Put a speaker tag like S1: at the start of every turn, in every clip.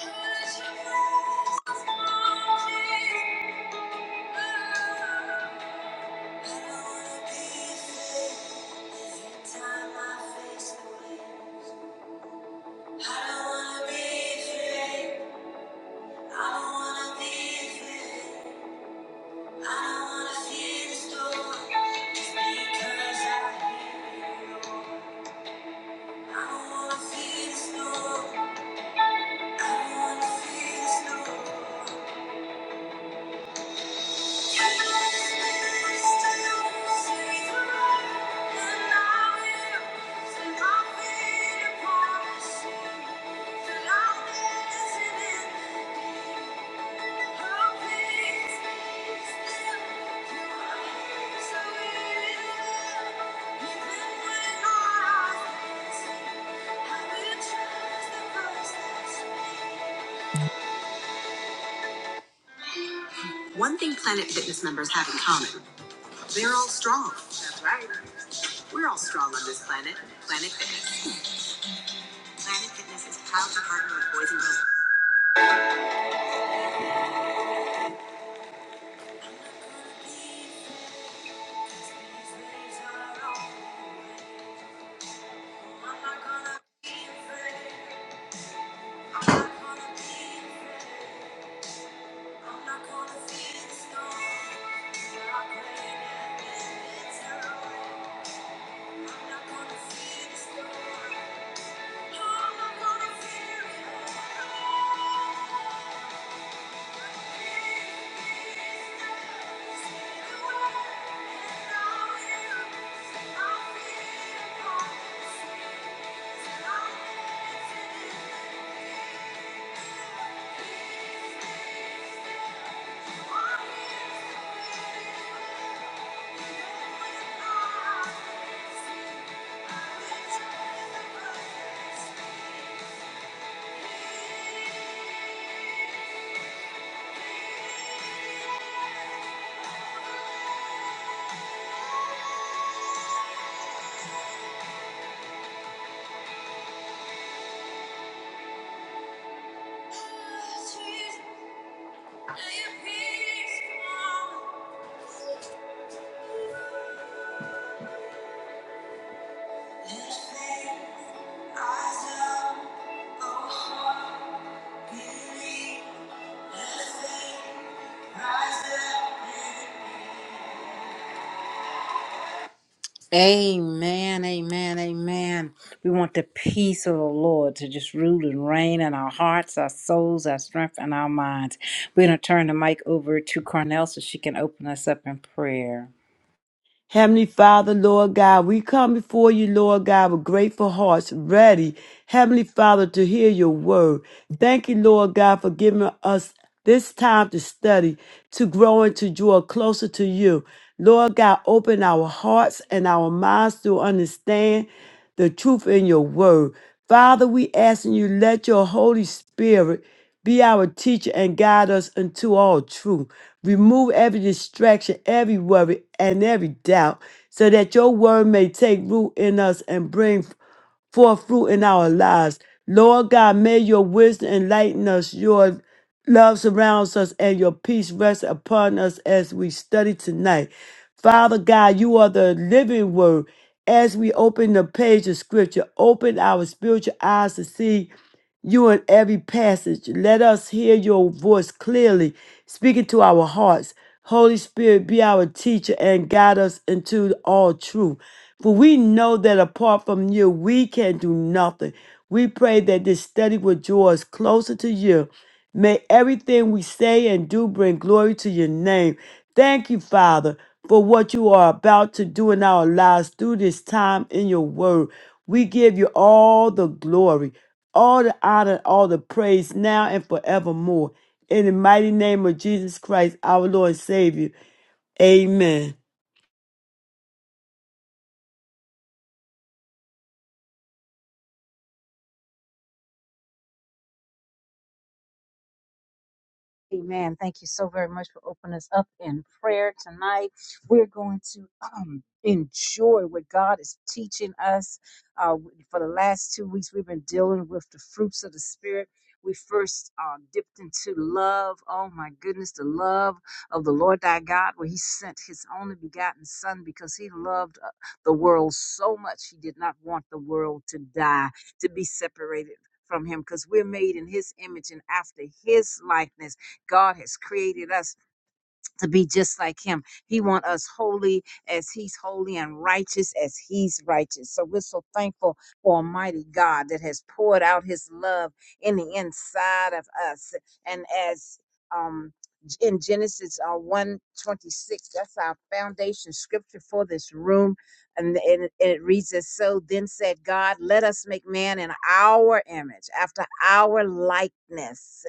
S1: I don't wanna feel the snow. One thing Planet Fitness members have in common, they're all strong. That's right. We're all strong on this planet. Planet Fitness. Planet Fitness is proud to partner with Boys and Girls. I'll Peace, oh. Amen, amen, amen. We want the peace of the Lord to just rule and reign in our hearts, our souls, our strength, and our minds. We're going to turn the mic over to Cornell so she can open us up in prayer.
S2: Heavenly Father, Lord God, we come before you, Lord God, with grateful hearts, ready, Heavenly Father, to hear your word. Thank you, Lord God, for giving us this time to study to grow and to draw closer to you. Lord God, open our hearts and our minds to understand the truth in your word. Father, we asking you, let your Holy Spirit be our teacher and guide us into all truth. Remove every distraction, every worry, and every doubt, so that your word may take root in us and bring forth fruit in our lives. Lord God, may your wisdom enlighten us, your love surrounds us, and your peace rests upon us as we study tonight. Father God, you are the living word. As we open the page of scripture, open our spiritual eyes to see you in every passage. Let us hear your voice clearly, speaking to our hearts. Holy Spirit, be our teacher and guide us into all truth. For we know that apart from you, we can do nothing. We pray that this study will draw us closer to you. May everything we say and do bring glory to your name. Thank you, Father, for what you are about to do in our lives through this time in your word. We give you all the glory, all the honor, all the praise now and forevermore. In the mighty name of Jesus Christ, our Lord and Savior. Amen.
S3: Amen. Thank you so very much for opening us up in prayer tonight. We're going to um, enjoy what God is teaching us. Uh, for the last two weeks, we've been dealing with the fruits of the Spirit. We first uh, dipped into love. Oh my goodness, the love of the Lord thy God, where he sent his only begotten Son because he loved uh, the world so much. He did not want the world to die, to be separated from him, because we're made in his image and after his likeness God has created us to be just like him. He wants us holy as he's holy and righteous as he's righteous. So we're so thankful for Almighty God that has poured out his love in the inside of us. And as um in Genesis uh, 126, that's our foundation scripture for this room. And, and, it- and it reads as so then said God, let us make man in our image, after our likeness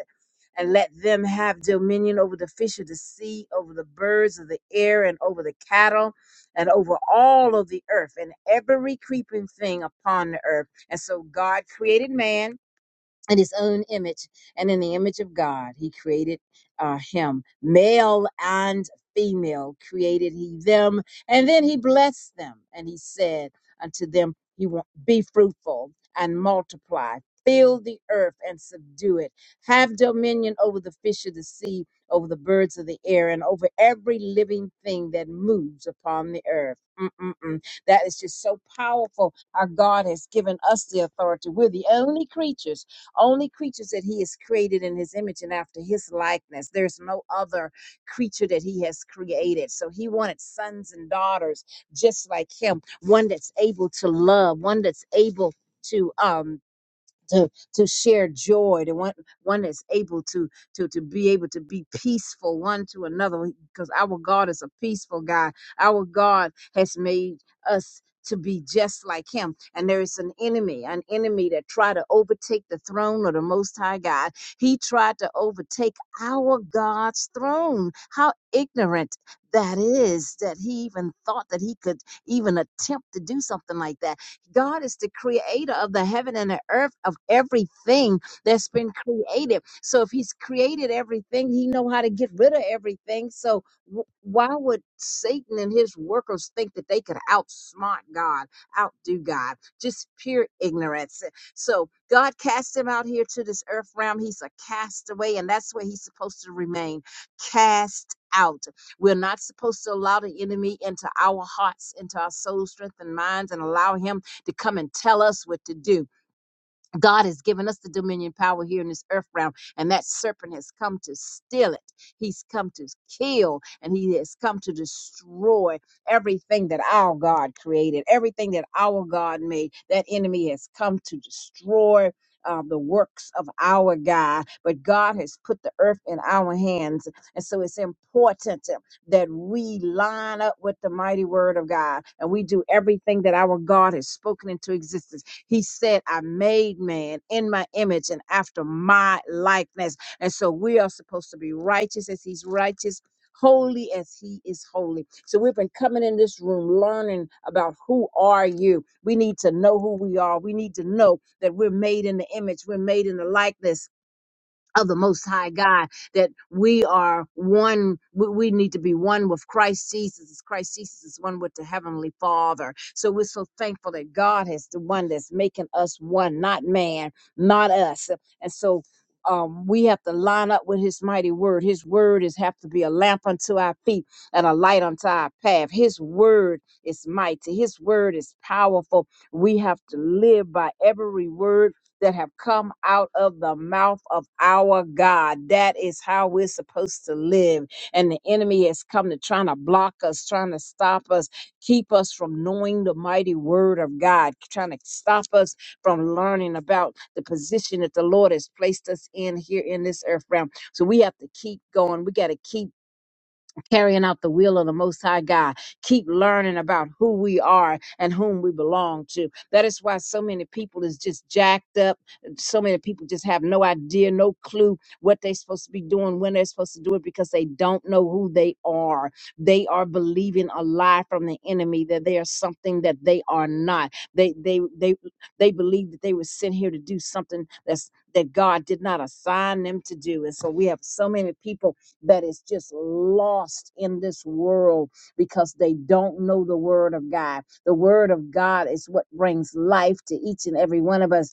S3: and let them have dominion over the fish of the sea, over the birds of the air, and over the cattle, and over all of the earth, and every creeping thing upon the earth. And so God created man in his own image and in the image of God he created uh, him male and female created he them and then he blessed them and he said unto them he will be fruitful and multiply fill the earth and subdue it have dominion over the fish of the sea over the birds of the air and over every living thing that moves upon the earth Mm-mm-mm. that is just so powerful our god has given us the authority we're the only creatures only creatures that he has created in his image and after his likeness. There's no other creature that he has created. So he wanted sons and daughters just like him, one that's able to love, one that's able to um to to share joy to one one that's able to to to be able to be peaceful one to another because our god is a peaceful god our god has made us to be just like him and there is an enemy an enemy that tried to overtake the throne of the most high god he tried to overtake our god's throne how ignorant that is that he even thought that he could even attempt to do something like that God is the creator of the heaven and the earth of everything that's been created. So if he's created everything, he know how to get rid of everything. So wh- why would Satan and his workers think that they could outsmart God, outdo God? Just pure ignorance. So God cast him out here to this earth realm. He's a castaway, and that's where he's supposed to remain. Cast out. We're not supposed to allow the enemy into our hearts, into our soul, strength, and minds, and allow him to come and tell us what to do. God has given us the dominion power here in this earth realm, and that serpent has come to steal it. He's come to kill, and he has come to destroy everything that our God created, everything that our God made. That enemy has come to destroy. Uh, the works of our God, but God has put the earth in our hands. And so it's important that we line up with the mighty word of God and we do everything that our God has spoken into existence he said, I made man in my image and after my likeness. And so we are supposed to be righteous as he's righteous. Holy as he is holy. So we've been coming in this room learning about who are you. We need to know who we are. We need to know that we're made in the image, we're made in the likeness of the most high god that we are one we, we need to be one with christ jesus as christ jesus is one with the heavenly father so we're so thankful that god is the one that's making us one not man not us and so um, we have to line up with his mighty word his word is have to be a lamp unto our feet and a light unto our path his word is mighty his word is powerful we have to live by every word that have come out of the mouth of our God. That is how we're supposed to live. And the enemy has come to trying to block us, trying to stop us, keep us from knowing the mighty word of God, trying to stop us from learning about the position that the Lord has placed us in here in this earth realm. So we have to keep going. We got to keep carrying out the will of the Most High God. Keep learning about who we are and whom we belong to. That is why so many people is just jacked up. So many people just have no idea, no clue what they're supposed to be doing, when they're supposed to do it, because they don't know who they are. They are believing a lie from the enemy that they are something that they are not. They they they they believe that they were sent here to do something that's that God did not assign them to do. And so we have so many people that is just lost in this world because they don't know the word of God. The word of God is what brings life to each and every one of us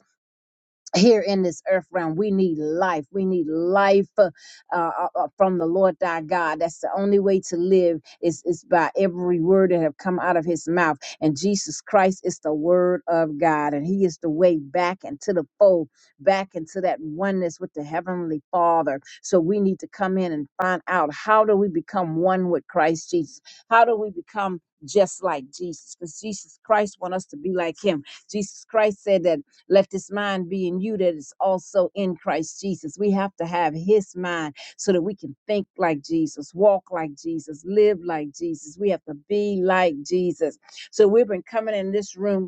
S3: here in this earth realm. We need life. We need life uh, uh, uh, from the Lord thy God. That's the only way to live is, is by every word that have come out of his mouth. And Jesus Christ is the word of God. And he is the way back into the fold, back into that oneness with the heavenly father. So we need to come in and find out how do we become one with Christ Jesus? How do we become just like Jesus? Because Jesus Christ want us to be like him. Jesus Christ said that let this mind be in you that is also in Christ Jesus. We have to have his mind so that we can think like Jesus, walk like Jesus, live like Jesus. We have to be like Jesus. So we've been coming in this room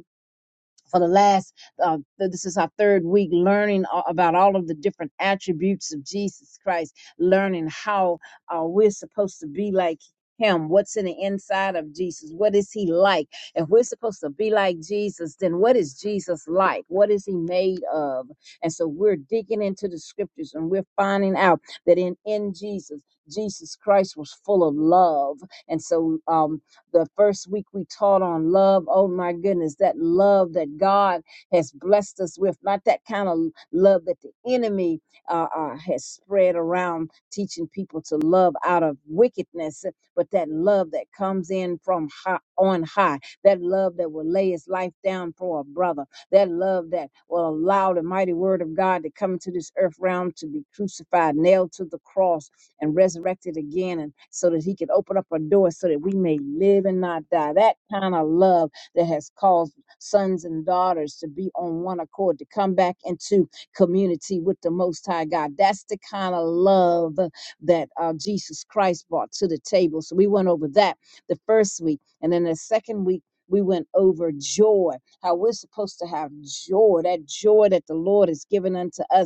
S3: for the last uh, th- this is our third week learning a- about all of the different attributes of jesus christ learning how uh, we're supposed to be like him what's in the inside of jesus what is he like if we're supposed to be like jesus then what is jesus like what is he made of and so we're digging into the scriptures and we're finding out that in in jesus jesus christ was full of love and so um the first week we taught on love. Oh my goodness, that love that God has blessed us with, not that kind of love that the enemy uh, uh, has spread around, teaching people to love out of wickedness, but that love that comes in from high, on high, that love that will lay his life down for a brother, that love that will allow the mighty word of God to come to this earth realm to be crucified, nailed to the cross and resurrected again and so that he could open up a door so that we may live and not die that kind of love that has caused sons and daughters to be on one accord to come back into community with the most high god that's the kind of love that uh, jesus christ brought to the table so we went over that the first week and then the second week we went over joy how we're supposed to have joy that joy that the lord has given unto us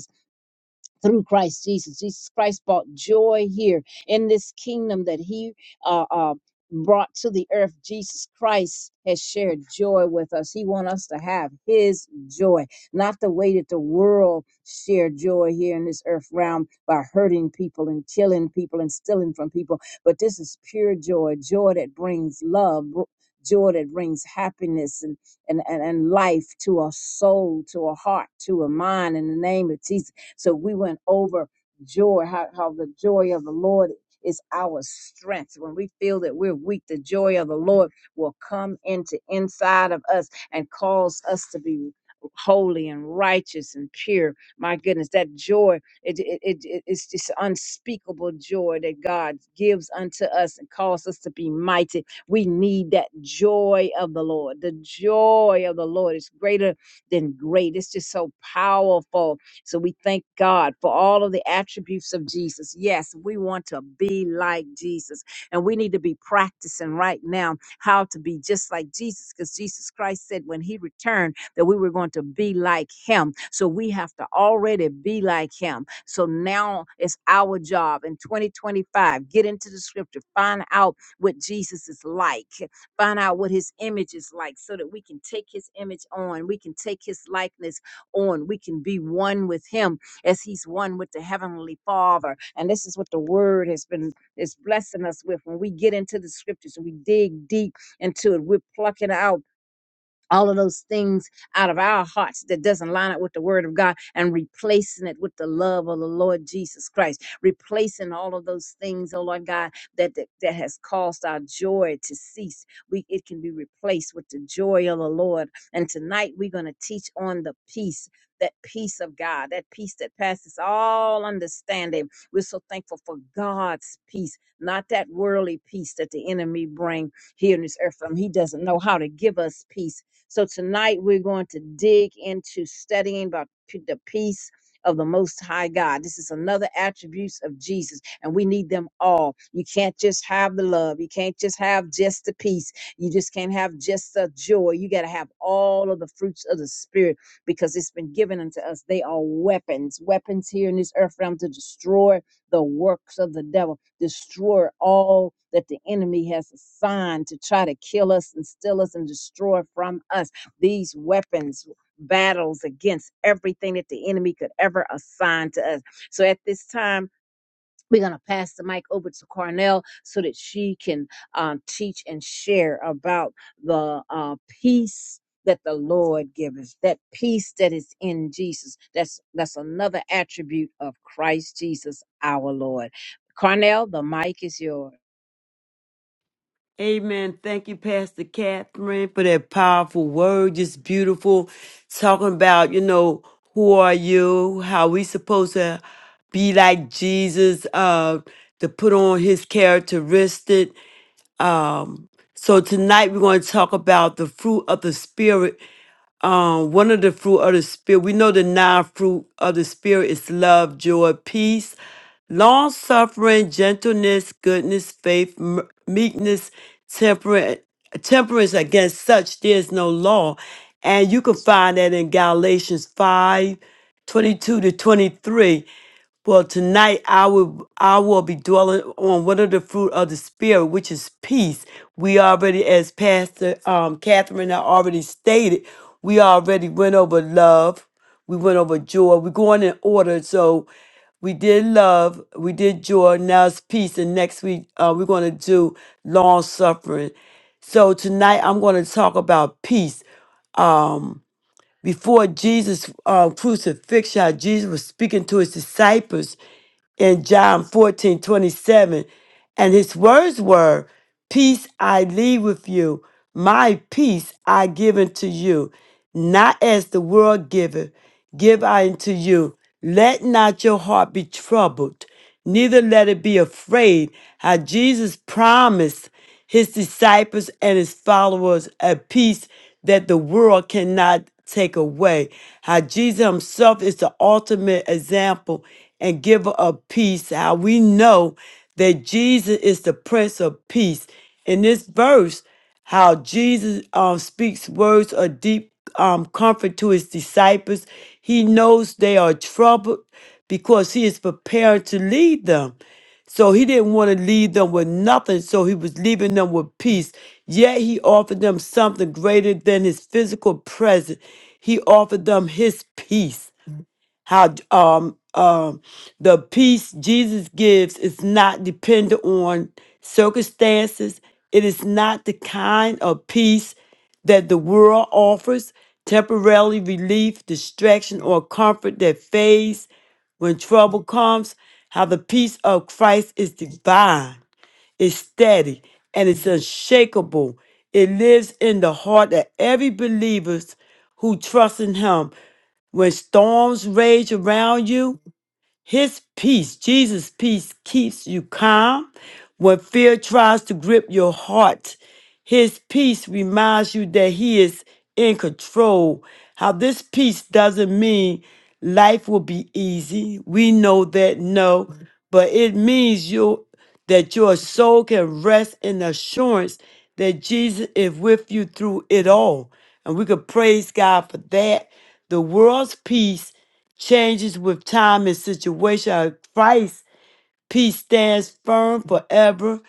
S3: through Christ Jesus. Jesus Christ brought joy here in this kingdom that he uh, uh, brought to the earth. Jesus Christ has shared joy with us. He wants us to have his joy, not the way that the world shared joy here in this earth realm by hurting people and killing people and stealing from people. But this is pure joy, joy that brings love. br- Joy that brings happiness and, and, and, and life to a soul, to a heart, to a mind in the name of Jesus. So we went over joy, how, how the joy of the Lord is our strength. When we feel that we're weak, the joy of the Lord will come into inside of us and cause us to be holy and righteous and pure. My goodness, that joy, it, it, it, it- it's just unspeakable joy that God gives unto us and calls us to be mighty. We need that joy of the Lord. The joy of the Lord is greater than great. It's just so powerful so we thank God for all of the attributes of Jesus. Yes, we want to be like Jesus, and we need to be practicing right now how to be just like Jesus, because Jesus Christ said when He returned that we were going to be like Him. So we have to already be like Him. So now it's our job in 2025 get into the Scripture, find out what Jesus is like, find out what His image is like, so that we can take His image on, we can take His likeness on. We can be one with him as he's one with the heavenly father. And this is what the word has been is blessing us with. When we get into the scriptures and we dig deep into it, we're plucking out all of those things out of our hearts that doesn't line up with the word of God and replacing it with the love of the Lord Jesus Christ, replacing all of those things, oh Lord God, that that, that has caused our joy to cease. We it can be replaced with the joy of the Lord. And tonight we're going to teach on the peace. That peace of God, that peace that passes all understanding. We're so thankful for God's peace, not that worldly peace that the enemy bring here in this earth. realm. He doesn't know how to give us peace so tonight we're going to dig into studying about p- the peace of the most high God. This is another attributes of Jesus and we need them all. You can't just have the love. You can't just have just the peace. You just can't have just the joy. You got to have all of the fruits of the spirit because it's been given unto us. They are weapons, weapons here in this earth realm to destroy the works of the devil destroy all that the enemy has assigned to try to kill us and steal us and destroy from us. These weapons battles against everything that the enemy could ever assign to us. So at this time, we're going to pass the mic over to Cornell so that she can uh, teach and share about the uh, peace that the Lord gives that peace that is in Jesus. That's, that's another attribute of Christ Jesus, our Lord. Cornell, the mic is yours.
S2: Amen. Thank you, Pastor Catherine, for that powerful word. Just beautiful. Talking about, you know, who are you? How we supposed to be like Jesus, uh, to put on his characteristic. Um, so tonight we're going to talk about the fruit of the spirit um, one of the fruit of the spirit, we know the nine fruit of the spirit is love, joy, peace, long suffering, gentleness, goodness, faith, m- meekness, temperance. Temperance against such there is no law, and you can find that in Galatians 5, 22 to 23. Well, tonight I will I will be dwelling on one of the fruit of the spirit, which is peace. We already, as Pastor um, Catherine I already stated, we already went over love. We went over joy. We're going in order, so we did love, we did joy. Now it's peace, and next week uh, we're going to do long suffering. So tonight I'm going to talk about peace. Um, before Jesus' uh, crucifixion, Jesus was speaking to his disciples in John 14 27, And his words were, Peace I leave with you, my peace I give unto you, not as the world giveth, give I unto you. Let not your heart be troubled, neither let it be afraid. How Jesus promised his disciples and his followers a peace that the world cannot take away. How Jesus himself is the ultimate example and giver of peace. How we know that Jesus is the Prince of Peace. In this verse, how Jesus um, speaks words of deep um, comfort to his disciples. He knows they are troubled because he is prepared to lead them. So he didn't want to leave them with nothing, so he was leaving them with peace. Yet he offered them something greater than his physical presence. He offered them his peace how um um the peace Jesus gives is not dependent on circumstances. It is not the kind of peace that the world offers, temporarily relief, distraction, or comfort that fades when trouble comes. How the peace of Christ is divine it's steady and it's unshakable. It lives in the heart of every believer who trusts in Him. When storms rage around you, his peace, Jesus' peace, keeps you calm when fear tries to grip your heart. His peace reminds you that He is in control. How this peace doesn't mean life will be easy. We know that, no, but it means you that your soul can rest in the assurance that Jesus is with you through it all. And we could praise God for that. The world's peace changes with time and situation. Our Christ peace stands firm forever.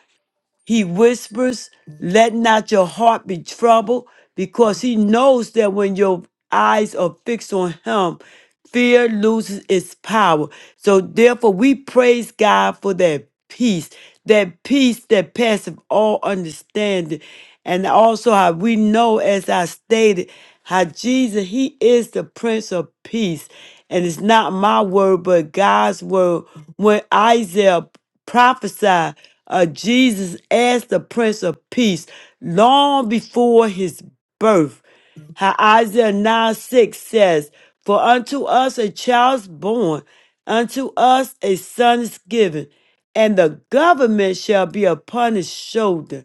S2: He whispers, Let not your heart be troubled, because he knows that when your eyes are fixed on him, fear loses its power. So, therefore, we praise God for that peace, that peace that passeth all understanding. And also, how we know, as I stated, how Jesus, He is the Prince of Peace. And it's not my word, but God's word. When Isaiah prophesied uh, Jesus as the Prince of Peace long before his birth. How Isaiah 9 6 says, For unto us a child is born, unto us a son is given, and the government shall be upon his shoulder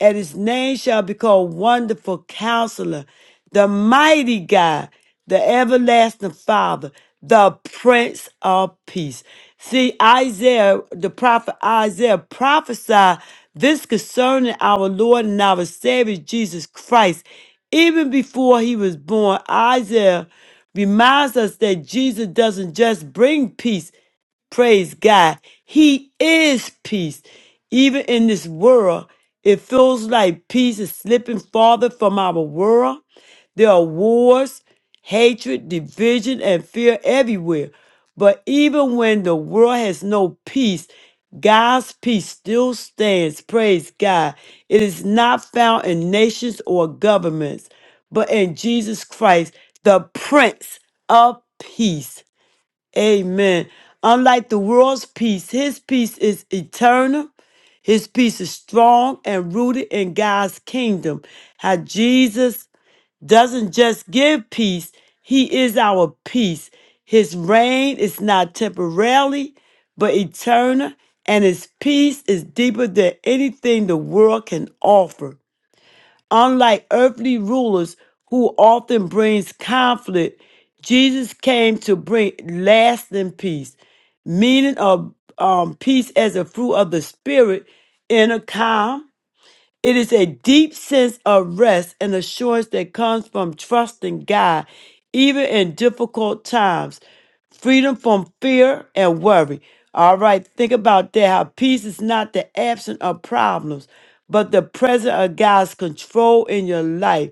S2: and his name shall be called Wonderful Counselor, the Mighty God, the Everlasting Father, the Prince of Peace. See, Isaiah, the prophet Isaiah prophesied this concerning our Lord and our Savior Jesus Christ. Even before he was born, Isaiah reminds us that Jesus doesn't just bring peace, Praise God. He is peace. Even in this world, it feels like peace is slipping farther from our world. There are wars, hatred, division, and fear everywhere. But even when the world has no peace, God's peace still stands. Praise God. It is not found in nations or governments, but in Jesus Christ, the Prince of Peace. Amen. Unlike the world's peace, his peace is eternal. His peace is strong and rooted in God's kingdom. How Jesus doesn't just give peace, he is our peace. His reign is not temporarily, but eternal, and his peace is deeper than anything the world can offer. Unlike earthly rulers who often brings conflict, Jesus came to bring lasting peace, meaning of um, peace as a fruit of the spirit in a calm it is a deep sense of rest and assurance that comes from trusting God, even in difficult times. Freedom from fear and worry. All right, think about that. How peace is not the absence of problems, but the presence of God's control in your life.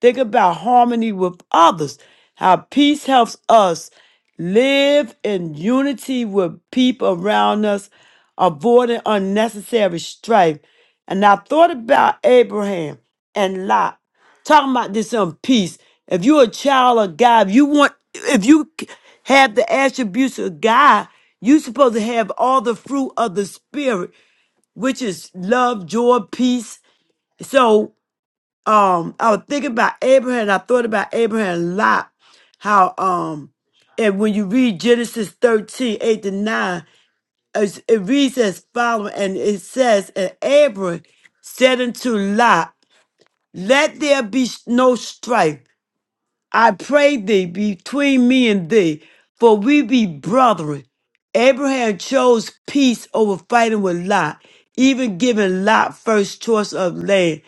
S2: Think about harmony with others, how peace helps us live in unity with people around us, avoiding unnecessary strife. And I thought about Abraham and Lot, talking about this on peace. If you're a child of God, if you want, if you c- have the attributes of God, you're supposed to have all the fruit of the Spirit, which is love, joy, peace. So um I was thinking about Abraham. I thought about Abraham a lot. How um and when you read Genesis 13 8 to 9, it's- it reads as following, and it says, And Abraham said unto Lot, Let there be no strife, I pray thee, between me and thee, for we be brethren. Abraham chose peace over fighting with Lot, even giving Lot first choice of land.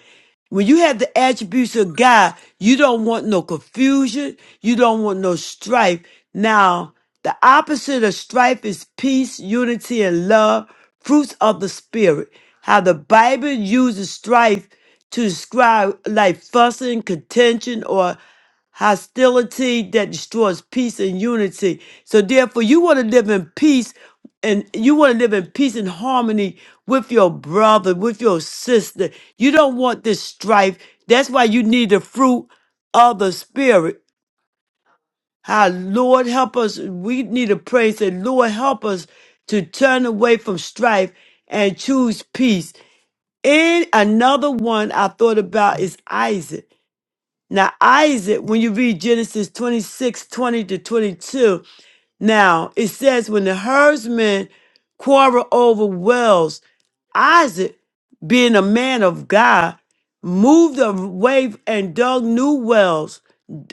S2: When you have the attributes of God, you don't want no confusion. You don't want no strife. Now, the opposite of strife is peace, unity, and love, fruits of the Spirit. How the Bible uses strife to describe like fussing, contention, or hostility that destroys peace and unity. So therefore, you want to live in peace and you want to live in peace and harmony with your brother, with your sister. You don't want this strife. That's why you need the fruit of the spirit. How Lord help us. We need to pray and say, Lord help us to turn away from strife and choose peace. And another one I thought about is Isaac. Now, Isaac, when you read Genesis 26 20 to 22, now it says, when the herdsmen quarrel over wells, Isaac, being a man of God, moved away and dug new wells.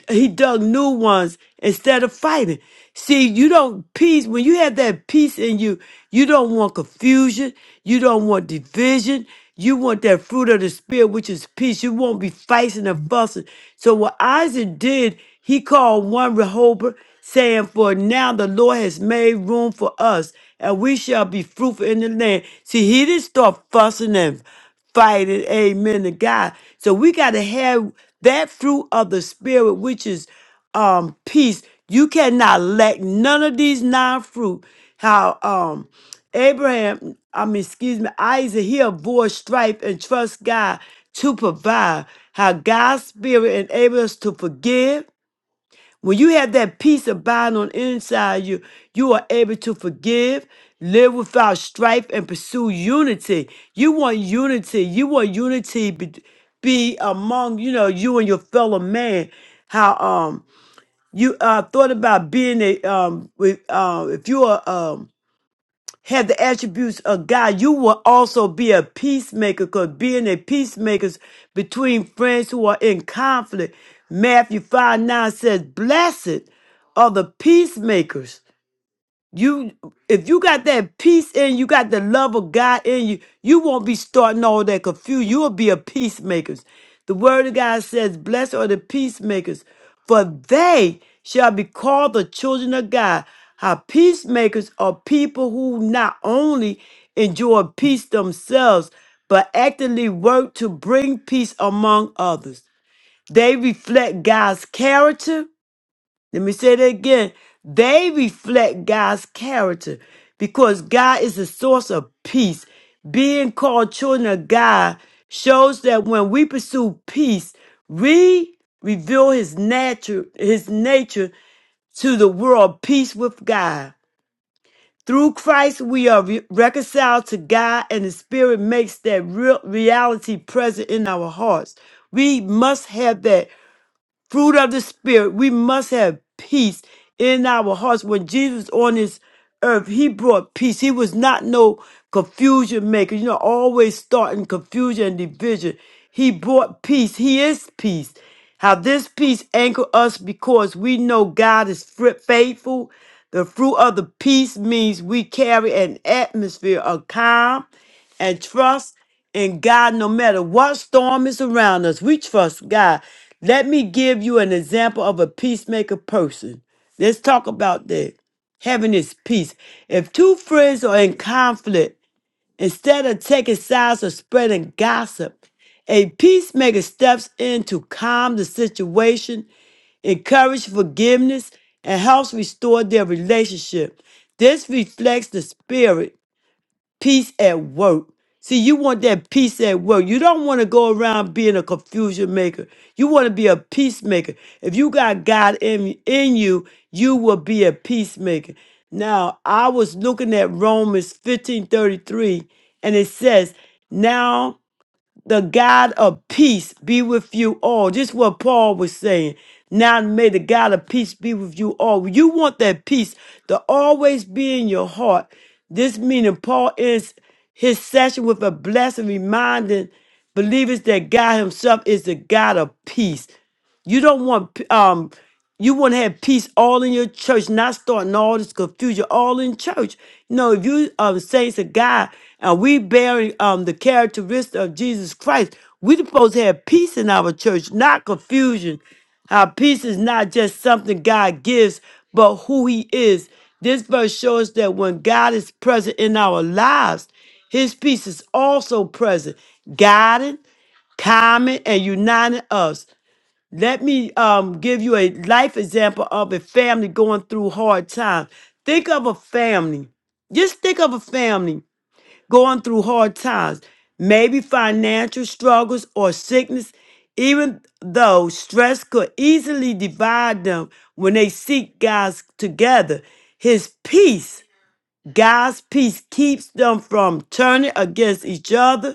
S2: He dug new ones instead of fighting. See, you don't peace when you have that peace in you. You don't want confusion. You don't want division. You want that fruit of the spirit, which is peace. You won't be fighting and fussing. So what Isaac did, he called one Rehoboth, saying, "For now the Lord has made room for us, and we shall be fruitful in the land." See, he didn't start fussing and fighting. Amen to God. So we got to have that fruit of the spirit, which is um peace. You cannot lack none of these nine fruit. How um Abraham, I mean, excuse me, Isaac, he avoids strife and trusts God to provide. How God's spirit enables us to forgive when you have that peace abide on the inside you, you are able to forgive, live without strife, and pursue unity. You want unity. You want unity be, be among you know you and your fellow man. How um you uh thought about being a um with um if you are um have the attributes of God, you will also be a peacemaker because being a peacemaker is between friends who are in conflict. Matthew 5 9 says, Blessed are the peacemakers, you if you got that peace in you, got the love of God in you, you won't be starting all that confusion. You'll be a peacemaker. The word of God says, Blessed are the peacemakers, for they shall be called the children of God. How peacemakers are people who not only enjoy peace themselves, but actively work to bring peace among others. They reflect God's character let me say that again. They reflect God's character because God is the source of peace. Being called children of God shows that when we pursue peace, we reveal his nature, his nature to the world, peace with God. Through Christ, we are re- reconciled to God, and the Spirit makes that real reality present in our hearts. We must have that fruit of the spirit we must have peace in our hearts when jesus on this earth he brought peace he was not no confusion maker you know always starting confusion and division he brought peace he is peace how this peace anchor us because we know god is fri- faithful the fruit of the peace means we carry an atmosphere of calm and trust and God, no matter what storm is around us, we trust God. Let me give you an example of a peacemaker person. Let's talk about that. Having this peace. If two friends are in conflict, instead of taking sides or spreading gossip, a peacemaker steps in to calm the situation, encourage forgiveness, and helps restore their relationship. This reflects the spirit peace at work. See, you want that peace at work. You don't want to go around being a confusion maker. You want to be a peacemaker. If you got God in, in you, you will be a peacemaker. Now, I was looking at Romans 15 33, and it says, Now the God of peace be with you all. Just what Paul was saying. Now may the God of peace be with you all. You want that peace to always be in your heart. This meaning Paul ends his session with a blessing reminding believers that God himself is the God of peace. You don't want um you want to have peace all in your church, not starting all this confusion all in church. No, if you um saints of God and we bearing um the characteristics of Jesus Christ, we supposed to have peace in our church, not confusion. How peace is not just something God gives, but who He is. This verse shows that when God is present in our lives, His peace is also present, guiding, calming, and uniting us. Let me um, give you a life example of a family going through hard times. Think of a family. Just think of a family going through hard times, maybe financial struggles or sickness, even though stress could easily divide them when they seek God's together. His peace, God's peace, keeps them from turning against each other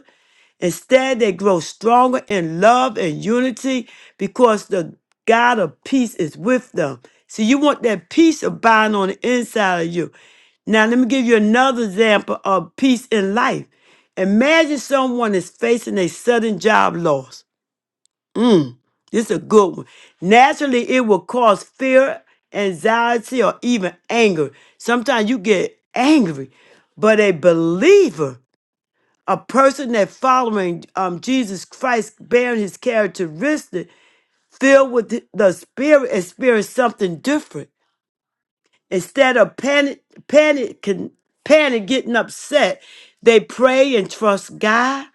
S2: Instead, they grow stronger in love and unity because the God of peace is with them. So you want that peace abiding on the inside of you. Now, let me give you another example of peace in life. Imagine someone is facing a sudden job loss. This is a good one. Naturally, it will cause fear, anxiety, or even anger. Sometimes you get angry, but a believer a person that following um, Jesus Christ, bearing his characteristic, filled with the the Spirit, experience something different. Instead of panic, panic, con- panic, getting upset, they pray and trust God.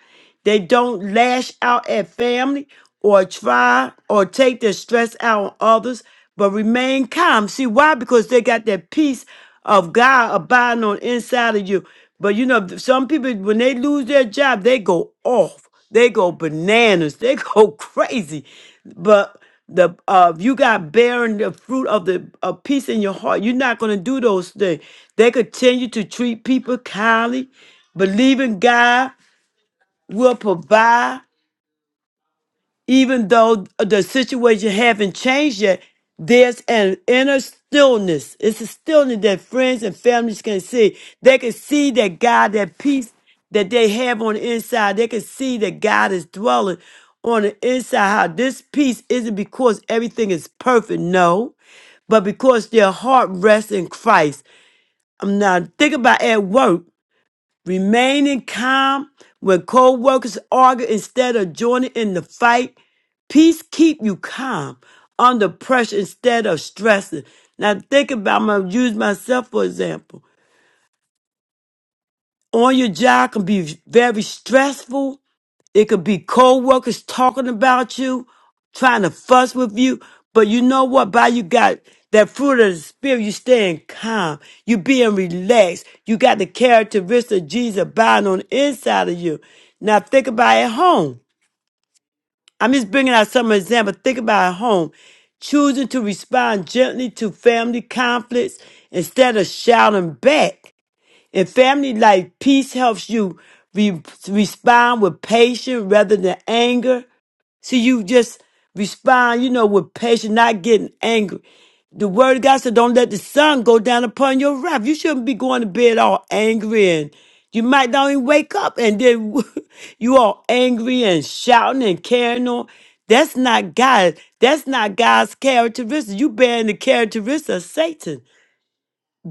S2: They don't lash out at family or try or take their stress out on others, but remain calm. See why? Because they got that peace of God abiding on inside of you. But you know, some people when they lose their job, they go off. They go bananas. They go crazy. But the uh if you got bearing the fruit of the of peace in your heart you're not going to do those things they continue to treat people kindly believing god will provide even though the situation haven't changed yet, there's an inner stillness. It's a stillness that friends and families can see. They can see that God, that peace that they have on the inside, they can see that God is dwelling on the inside. How this peace isn't because everything is perfect, no, but because their heart rests in Christ. I'm now thinking about at work. Remaining calm when co-workers argue instead of joining in the fight. Peace keep you calm under pressure instead of stressing. Now think about I'm gonna use myself for example. On your job can be very stressful it could be co-workers talking about you, trying to fuss with you. But you know what? By you got that fruit of the spirit, you staying calm. You being relaxed. You got the characteristics of Jesus abiding on the inside of you. Now think about at home. I'm just bringing out some example. Think about at home. Choosing to respond gently to family conflicts instead of shouting back. In family life, peace helps you re- respond with patience rather than anger. So you just respond, you know, with patience, not getting angry. The word of God said, don't let the sun go down upon your wrath. You shouldn't be going to bed all angry and you might not even wake up and then you all angry and shouting and carrying on. That's not God. That's not God's characteristic. You bearing the characteristic of Satan,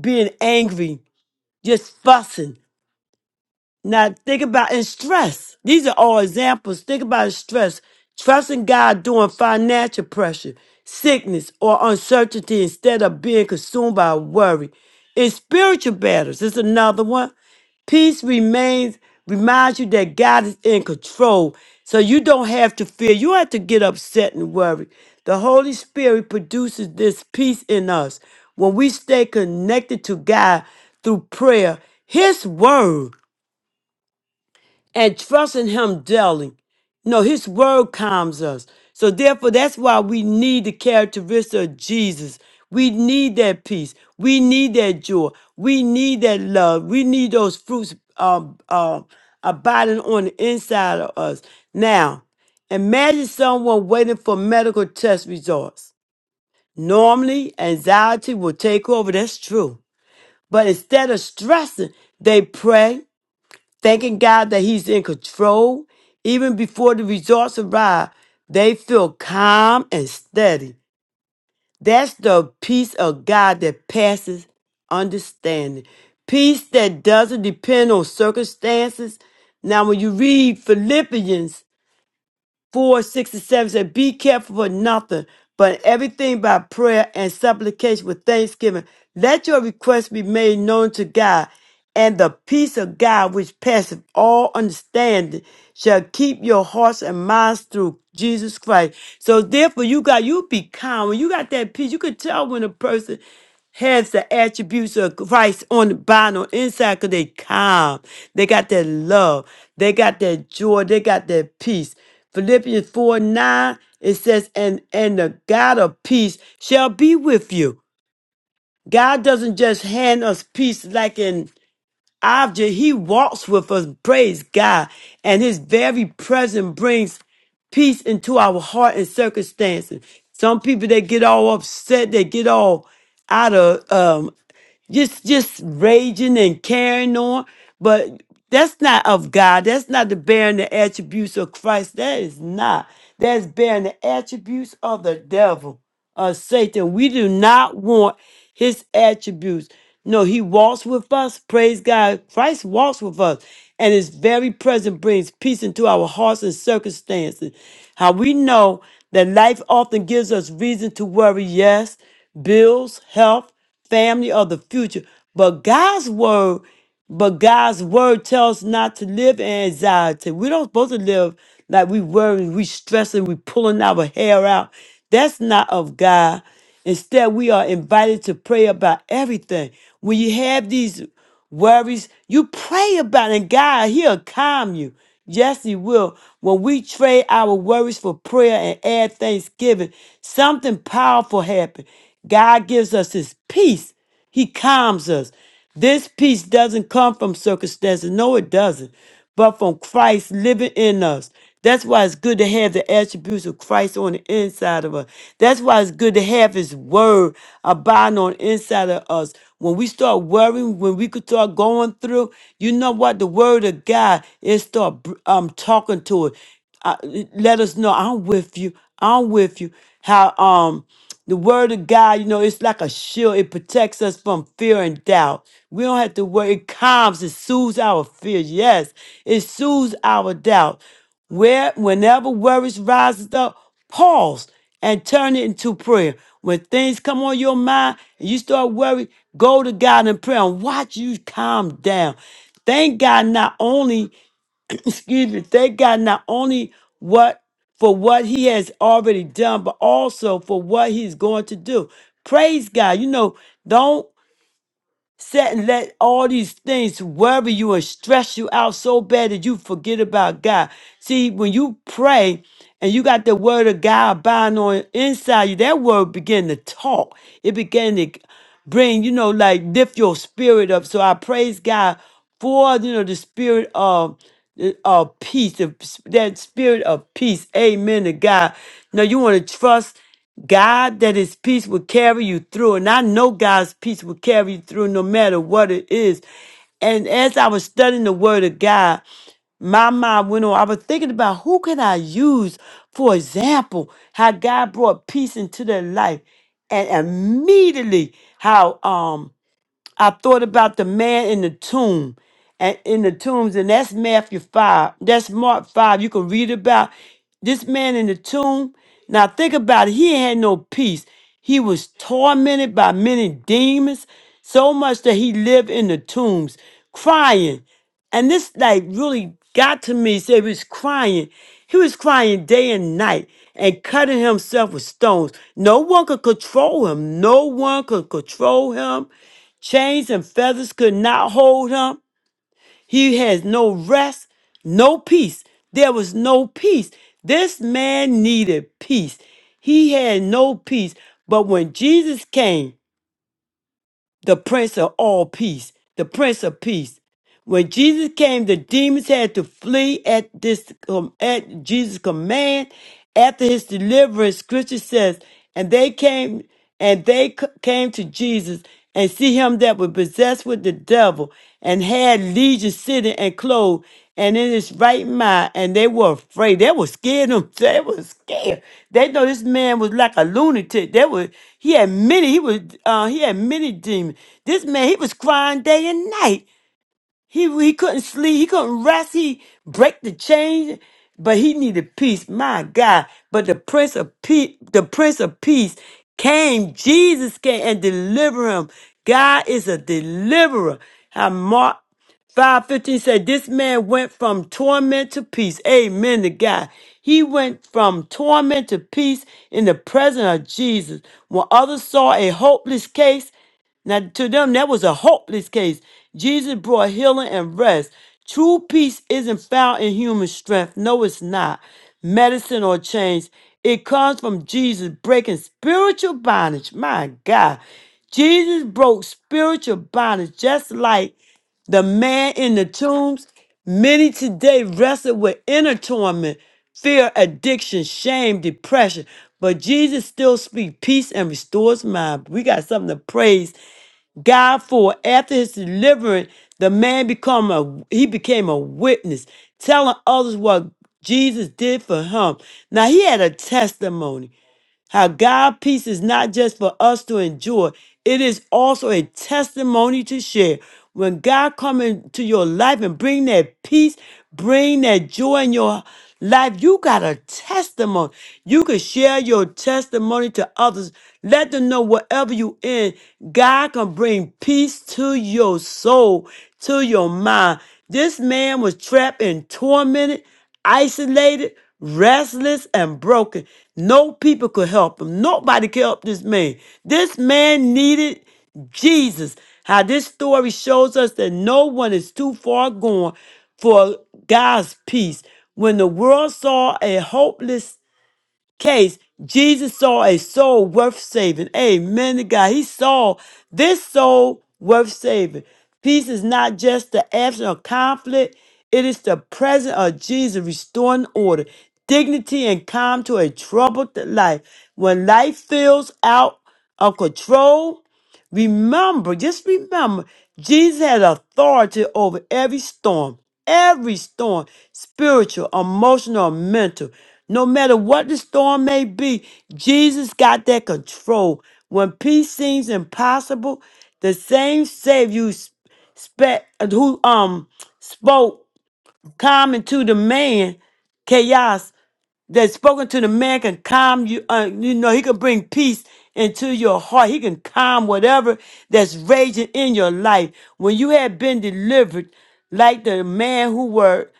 S2: being angry, just fussing. Now think about and stress. These are all examples. Think about stress. Trusting God during financial pressure, sickness, or uncertainty instead of being consumed by worry. In spiritual battles, this is another one. Peace remains reminds you that God is in control. So you don't have to fear. You don't have to get upset and worry. The Holy Spirit produces this peace in us when we stay connected to God through prayer, His word and trusting him daily. No, his word calms us. So therefore, that's why we need the characteristic of Jesus. We need that peace. We need that joy. We need that love. We need those fruits um, uh, abiding on the inside of us. Now, imagine someone waiting for medical test results. Normally, anxiety will take over. That's true. But instead of stressing, they pray thanking God that He's in control. Even before the results arrive, they feel calm and steady. That's the peace of God that passes understanding. Peace that doesn't depend on circumstances. Now, when you read Philippians 4, 6, and 7 said, Be careful for nothing, but everything by prayer and supplication with thanksgiving. Let your requests be made known to God, and the peace of God, which passeth all understanding, shall keep your hearts and minds through Jesus Christ. So, therefore, you got, you be calm. When you got that peace, you could tell when a person has the attributes of Christ on the bottom or inside because they calm. They got that love. They got that joy. They got that peace. Philippians 4 9, it says, and, and the God of peace shall be with you. God doesn't just hand us peace like an object, He walks with us, praise God. And His very presence brings peace into our heart and circumstances. Some people, they get all upset, they get all out of um, just just raging and carrying on but that's not of god that's not the bearing the attributes of christ that is not that's bearing the attributes of the devil of satan we do not want his attributes no he walks with us praise god christ walks with us and his very presence brings peace into our hearts and circumstances how we know that life often gives us reason to worry yes bills health family or the future. But God's word, but God's word tells us not to live in anxiety. we do not supposed to live like we worrying, we stressing, we pulling our hair out. That's not of God. Instead, we are invited to pray about everything. When you have these worries. You pray about it, and God, He'll calm you. Yes, He will. When we trade our worries for prayer and add thanksgiving, something powerful happens. God gives us His peace, He calms us. This peace doesn't come from circumstances. No, it doesn't but from Christ living in us. That's why it's good to have the attributes of Christ on the inside of us. That's why it's good to have His Word abiding on the inside of us. When we start worrying, when we could start going through, you know what? The Word of God is start br- um talking to it. I, let us know I'm with you. I'm with you. How um the word of God, you know, it's like a shield. It protects us from fear and doubt. We don't have to worry. It calms, it soothes our fear. Yes, it soothes our doubt. Where whenever worries rises up, pause and turn it into prayer. When things come on your mind and you start worrying, go to God in prayer and watch you calm down. Thank God not only excuse me, thank God not only what for what he has already done, but also for what he's going to do. Praise God. You know, don't Set and let all these things worry you and stress you out so bad that you forget about God. See, when you pray and you got the word of God abiding on inside you, that word began to talk. It began to bring, you know, like lift your spirit up. So I praise God for, you know, the spirit of of peace, the- that spirit of peace. Amen to God. Now you want to trust. God that his peace will carry you through. And I know God's peace will carry you through no matter what it is. And as I was studying the word of God, my mind went on. I was thinking about who can I use for example, how God brought peace into their life. And immediately how um I thought about the man in the tomb and in the tombs, and that's Matthew 5. That's Mark 5. You can read about this man in the tomb. Now think about it. He ain't had no peace. He was tormented by many demons, so much that he lived in the tombs, crying. And this like really got to me. So he was crying. He was crying day and night and cutting himself with stones. No one could control him. No one could control him. Chains and feathers could not hold him. He has no rest, no peace. There was no peace. This man needed peace. He had no peace. But when Jesus came, the Prince of all peace, the Prince of peace, when Jesus came, the demons had to flee at this um, at Jesus' command. After his deliverance, Scripture says, and they came and they c- came to Jesus and see him that was possessed with the devil and had legion sitting and clothed and in his right mind, and they were afraid. They were scared. Them they were scared. They know this man was like a lunatic. They were he had many. He was uh, he had many demons. This man he was crying day and night. He he couldn't sleep. He couldn't rest. He break the chain, but he needed peace. My God! But the Prince of Peace, the Prince of Peace, came. Jesus came and delivered him. God is a deliverer. How Mark five fifteen said, "This man went from torment to peace." Amen to God. He went from torment to peace in the presence of Jesus. When others saw a hopeless case. Now, to them, that was a hopeless case. Jesus brought healing and rest. True peace isn't found in human strength. No, it's not. Medicine or change. It comes from Jesus breaking spiritual bondage. My God. Jesus broke spiritual bondage just like the man in the tombs. Many today wrestle with inner torment, fear, addiction, shame, depression. But Jesus still speaks peace and restores mind. We got something to praise God for after his deliverance, the man become a he became a witness, telling others what Jesus did for him. Now he had a testimony. How God peace is not just for us to enjoy, it is also a testimony to share. When God come into your life and bring that peace, bring that joy in your life, you got a testimony. You can share your testimony to others. Let them know wherever you in, God can bring peace to your soul, to your mind. This man was trapped and tormented isolated, restless, and broken. No people could help him. Nobody could help this man. This man needed Jesus. How this story shows us that no one is too far gone for God's peace. When the world saw a hopeless case, Jesus saw a soul worth saving. Amen to God. He saw this soul worth saving. Peace is not just the absence of conflict, it is the presence of Jesus restoring order, dignity, and calm to a troubled life. When life feels out of control, Remember, just remember, Jesus had authority over every storm, every storm, spiritual, emotional, or mental. No matter what the storm may be, Jesus got that control. When peace seems impossible, the same Savior who, spe- who um spoke calm into the man chaos that spoken to the man can calm you. Uh, you know, he can bring peace into your heart. He can calm whatever that's raging in your life. When you have been delivered, like the man who were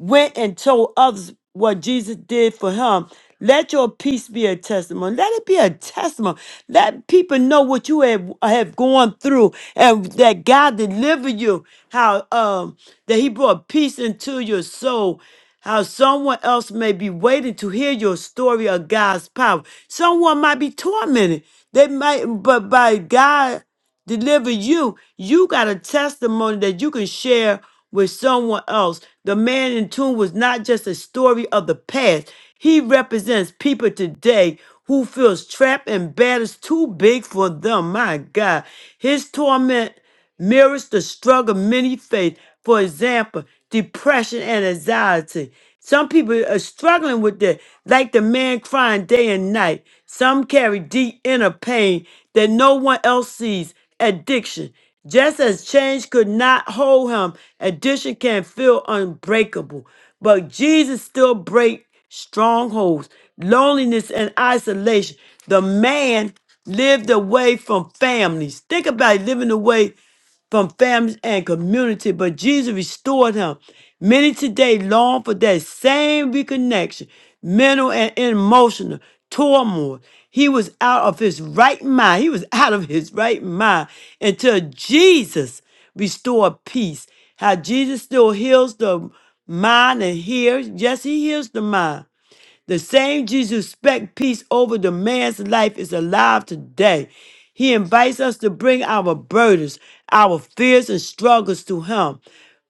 S2: went and told others what Jesus did for him. Let your peace be a testimony. Let it be a testimony. Let people know what you have, have gone through and that God delivered you. How um that He brought peace into your soul. How someone else may be waiting to hear your story of God's power. Someone might be tormented. They might, but by God deliver you. You got a testimony that you can share with someone else. The man in tune was not just a story of the past. He represents people today who feels trapped and bad is too big for them. My God, his torment mirrors the struggle many face. For example, depression and anxiety. Some people are struggling with that, like the man crying day and night. Some carry deep inner pain that no one else sees. Addiction. Just as change could not hold him, addiction can feel unbreakable. But Jesus still breaks strongholds, loneliness, and isolation. The man lived away from families. Think about it, living away from families and community, but Jesus restored him. Many today long for that same reconnection, mental and emotional turmoil. He was out of his right mind. He was out of his right mind until Jesus restored peace. How Jesus still heals the mind and hears. Yes, he heals the mind the same Jesus who spec peace over the man's life is alive today. He invites us to bring our burdens, our fears, and struggles to Him,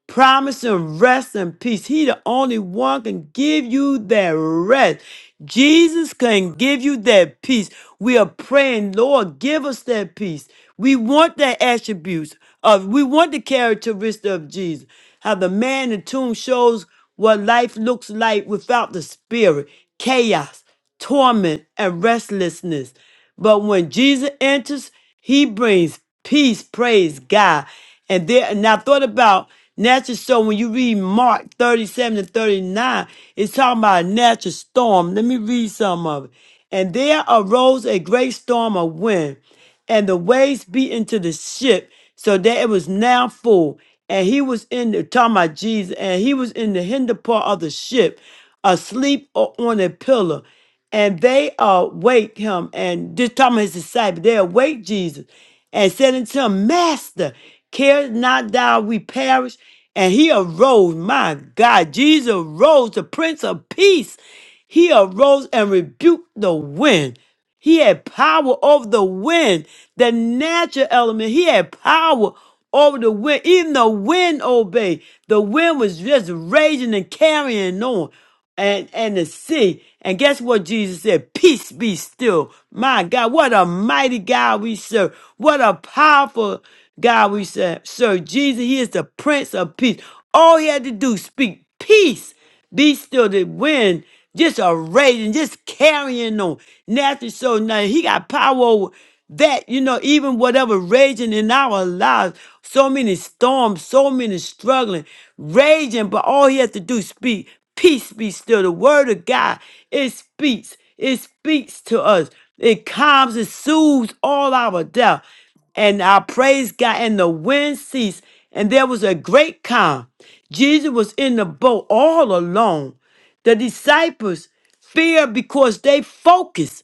S2: promising rest and peace. He, the only one, can give you that rest. Jesus can give you that peace. We are praying, Lord, give us that peace. We want that attributes of, we want the characteristic of Jesus. How the man in the tomb shows what life looks like without the Spirit chaos, torment, and restlessness. But when Jesus enters, he brings peace, praise God. And there and I thought about natural storm when you read Mark 37 and 39, it's talking about a natural storm. Let me read some of it. And there arose a great storm of wind and the waves beat into the ship so that it was now full. And he was in the talking about Jesus, and he was in the hinder part of the ship, asleep o- on a pillar. And they awake him, and this talking about his disciples, they awake Jesus and said unto him, Master, care not thou we perish? And he arose, my God, Jesus arose, the Prince of Peace. He arose and rebuked the wind he had power over the wind, the natural element. He had power over the wind. Even the wind obeyed. The wind was just raging and carrying on. And and the sea. And guess what Jesus said? Peace be still. My God, what a mighty God we serve. What a powerful God we serve. Serve Jesus, He is the Prince of Peace. All he had to do, speak peace. Be still the wind, just a raging, just carrying on. Nothing so now he got power over that, you know, even whatever raging in our lives, so many storms, so many struggling, raging, but all he has to do is speak. Peace be still. The word of God, it speaks. It speaks to us. It calms and soothes all our doubt and I praise God, and the wind ceased, and there was a great calm. Jesus was in the boat all alone. The disciples feared because they focused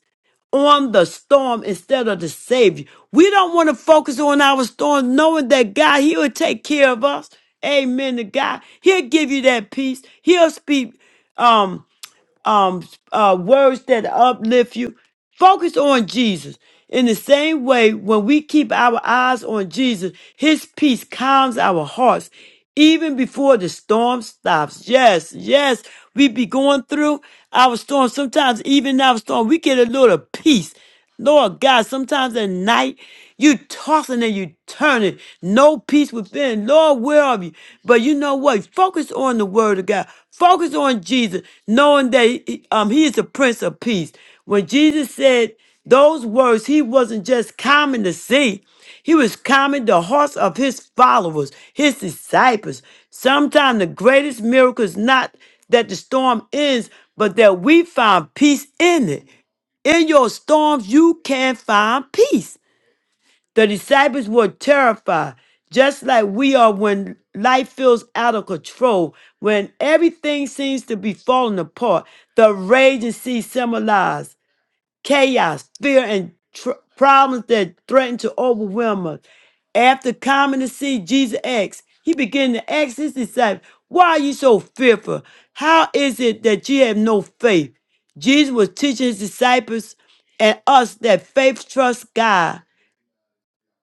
S2: on the storm instead of the Savior. We don't want to focus on our storm, knowing that God, He will take care of us. Amen to God. He'll give you that peace. He'll speak. Um um uh words that uplift you focus on jesus in the same way when we keep our eyes on jesus his peace calms our hearts even before the storm stops yes yes we be going through our storm sometimes even our storm we get a little peace Lord God, sometimes at night you tossing and you turning, no peace within. Lord, where are you? But you know what? Focus on the word of God. Focus on Jesus, knowing that he- um, he is the Prince of Peace. When Jesus said those words, he wasn't just calming the sea. He was calming the hearts of his followers, his disciples. Sometimes the greatest miracle is not that the storm ends, but that we find peace in it. In your storms, you can find peace. The disciples were terrified, just like we are when life feels out of control, when everything seems to be falling apart. The raging sea symbolized chaos, fear, and tr- problems that threaten to overwhelm us. After coming to see Jesus asked, he began to ask his disciples, Why are you so fearful? How is it that you have no faith? Jesus was teaching his disciples and us that faith trusts God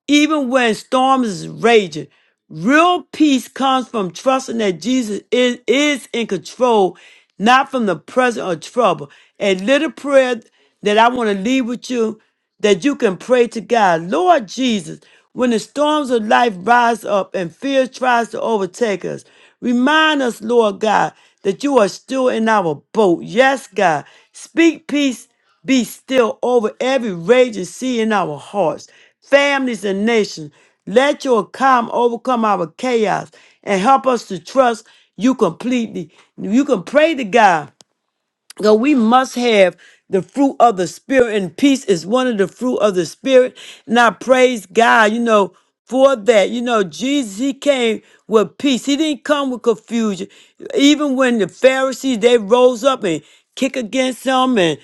S2: even when storms is raging, real peace comes from trusting that Jesus is, is in control, not from the presence of trouble. A little prayer that I want to leave with you that you can pray to God. Lord Jesus, when the storms of life rise up and fear tries to overtake us, remind us, Lord God, that you are still in our boat. Yes, God. Speak peace be still over every raging sea in our hearts, families, and nations. Let your calm overcome our chaos and help us to trust you completely. You can pray to God because we must have the fruit of the Spirit, and peace is one of the fruit of the Spirit. And I praise God, you know, for that. You know, Jesus, he came with peace. He didn't come with confusion. Even when the Pharisees, they rose up and kick against him and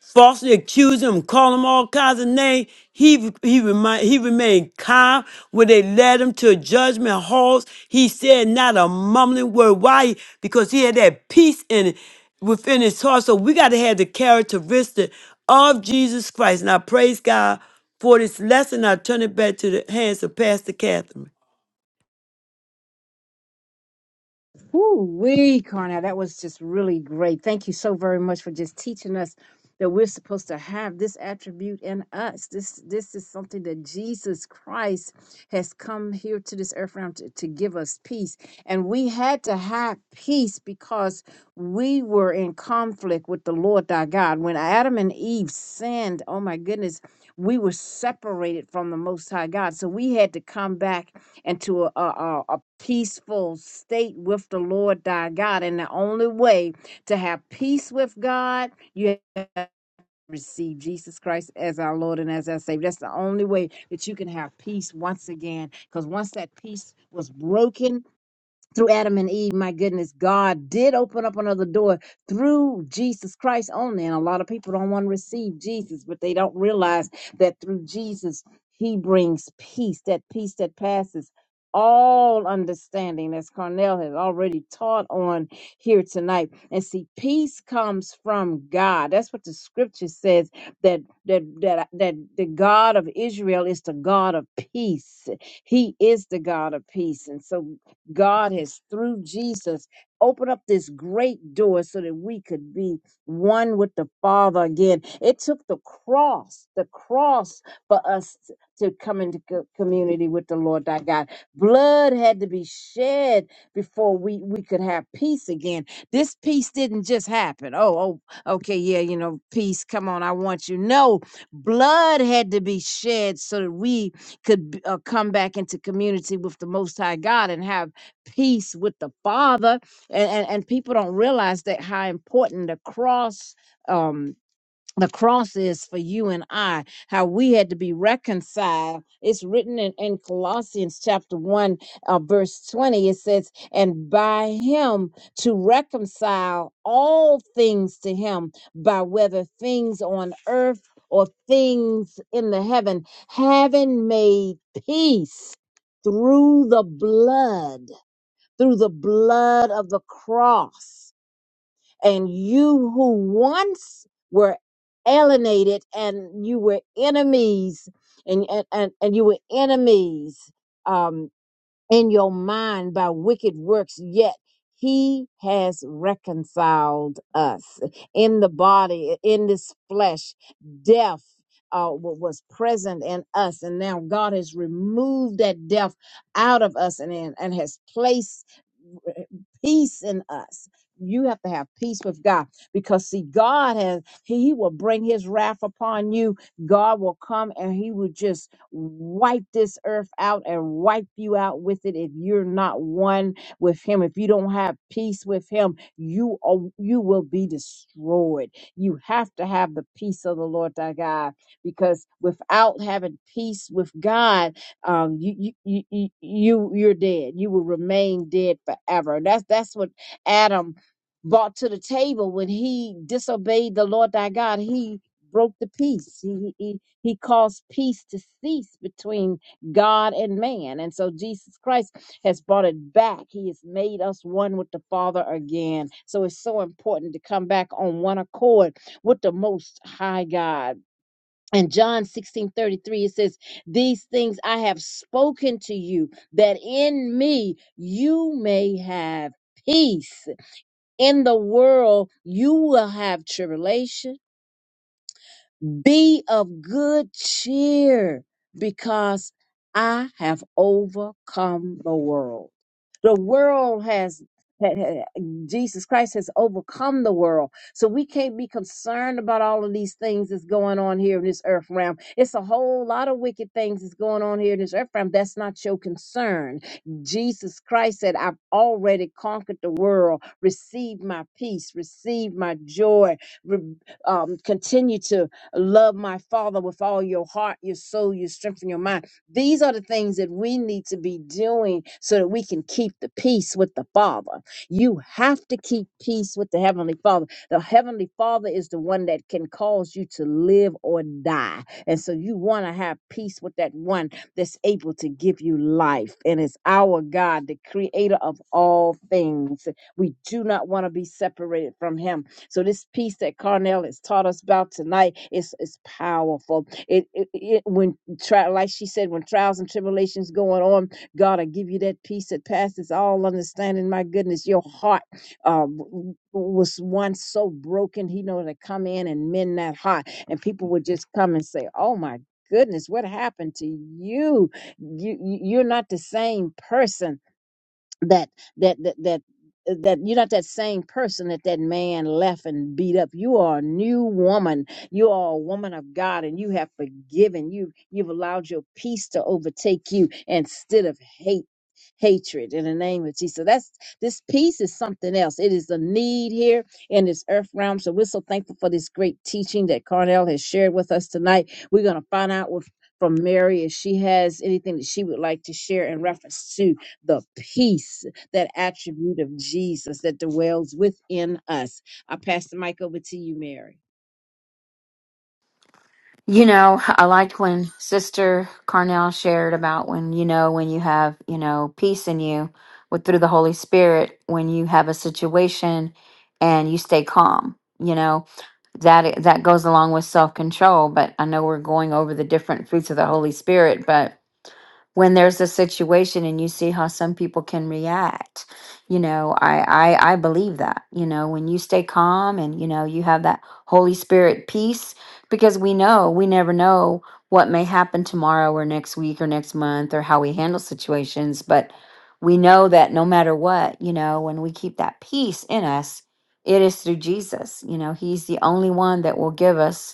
S2: falsely accused him, called him all kinds of names. He he remind, he remained calm when they led him to judgment halls. He said not a mumbling word. Why? Because he had that peace in within his heart. So we got to have the characteristic of Jesus Christ. And I praise God for this lesson. I turn it back to the hands of Pastor Catherine.
S3: Woo-wee, Carnell, that was just really great. Thank you so very much for just teaching us that we're supposed to have this attribute in us. This this is something that Jesus Christ has come here to this earth realm to, to give us peace. And we had to have peace because we were in conflict with the Lord thy God. When Adam and Eve sinned, oh my goodness, we were separated from the Most High God. So we had to come back into a, a, a peaceful state with the Lord thy God. And the only way to have peace with God, you have to receive Jesus Christ as our Lord and as our Savior. That's the only way that you can have peace once again. Because once that peace was broken, through Adam and Eve, my goodness, God did open up another door through Jesus Christ only. And a lot of people don't want to receive Jesus, but they don't realize that through Jesus, He brings peace, that peace that passes all understanding, as Carnell has already taught on here tonight. And see, peace comes from God. That's what the scripture says that that that that the God of Israel is the God of peace. He is the God of peace. And so God has, through Jesus, opened up this great door so that we could be one with the Father again. It took the cross, the cross for us t- to come into co- community with the Lord thy God. Blood had to be shed before we, we could have peace again. This peace didn't just happen. Oh, oh, okay, yeah, you know, peace, come on, I want you. No, blood had to be shed so that we could b- uh, come back into community with the Most High God and have peace with the Father. And, and, and people don't realize that how important the cross, um, the cross is for you and I, how we had to be reconciled. It's written in, in Colossians chapter 1, uh, verse 20. It says, And by him to reconcile all things to him, by whether things on earth or things in the heaven, having made peace through the blood through the blood of the cross. And you who once were alienated and you were enemies and, and, and, and you were enemies um, in your mind by wicked works, yet he has reconciled us in the body, in this flesh, death. Uh, wa- was present in us, and now God has removed that death out of us and, and and has placed peace in us. You have to have peace with God because, see, God has, He will bring His wrath upon you. God will come and He will just wipe this earth out and wipe you out with it if you're not one with Him. If you don't have peace with Him, you are, you will be destroyed. You have to have the peace of the Lord thy God because without having peace with God, um, you, you, you, you, you- you're dead. You will remain dead forever. That's, that's what Adam brought to the table when he disobeyed the Lord thy God. He broke the peace. He, he, he caused peace to cease between God and man. And so Jesus Christ has brought it back. He has made us one with the Father again. So it's so important to come back on one accord with the Most High God in John 16 33, it says, These things I have spoken to you, that in me you may have peace. In the world you will have tribulation be of good cheer because I have overcome the world. The world has, had- had- Jesus Christ has overcome the world. So we can't be concerned about all of these things that's going on here in this earth realm. It's a whole lot of wicked things that's going on here in this earth realm. That's not your concern. Jesus Christ said, I've already conquered the world. Receive my peace, receive my joy, Re- um, continue to Love my Father with all your heart, your soul, your strength, and your mind. These are the things that we need to be doing so that we can keep the peace with the Father. You have to keep peace with the Heavenly Father. The Heavenly Father is the one that can cause you to live or die. And so you want to have peace with that one that's able to give you life. And it's our God, the creator of all things. We do not want to be separated from Him. So this peace that Carnell has taught us about tonight is is powerful. It, it, it when tri- like she said, when trials and tribulations going on, God, I give you that peace that passes all understanding. My goodness, your heart uh, w- w- was once so broken. He know to come in and mend that heart, and people would just come and say, "Oh my." Goodness, what happened to you? You you- you're not the same person that that that that that you're not that same person that that man left and beat up. You are a new woman. You are a woman of God, and you have forgiven. You you've allowed your peace to overtake you instead of hate. Hatred in the name of Jesus. So That's this peace is something else. It is a need here in this earth realm. So we're so thankful for this great teaching that Carnell has shared with us tonight. We're going to find out what, from Mary if she has anything that she would like to share in reference to the peace, that attribute of Jesus that dwells within us. I pass the mic over to you, Mary.
S4: You know, I liked when Sister Carnell shared about when you know when you have you know peace in you with through the Holy Spirit when you have a situation and you stay calm. You know that that goes along with self control. But I know we're going over the different fruits of the Holy Spirit, but when there's a situation and you see how some people can react you know I, I i believe that you know when you stay calm and you know you have that holy spirit peace because we know we never know what may happen tomorrow or next week or next month or how we handle situations but we know that no matter what you know when we keep that peace in us it is through jesus you know he's the only one that will give us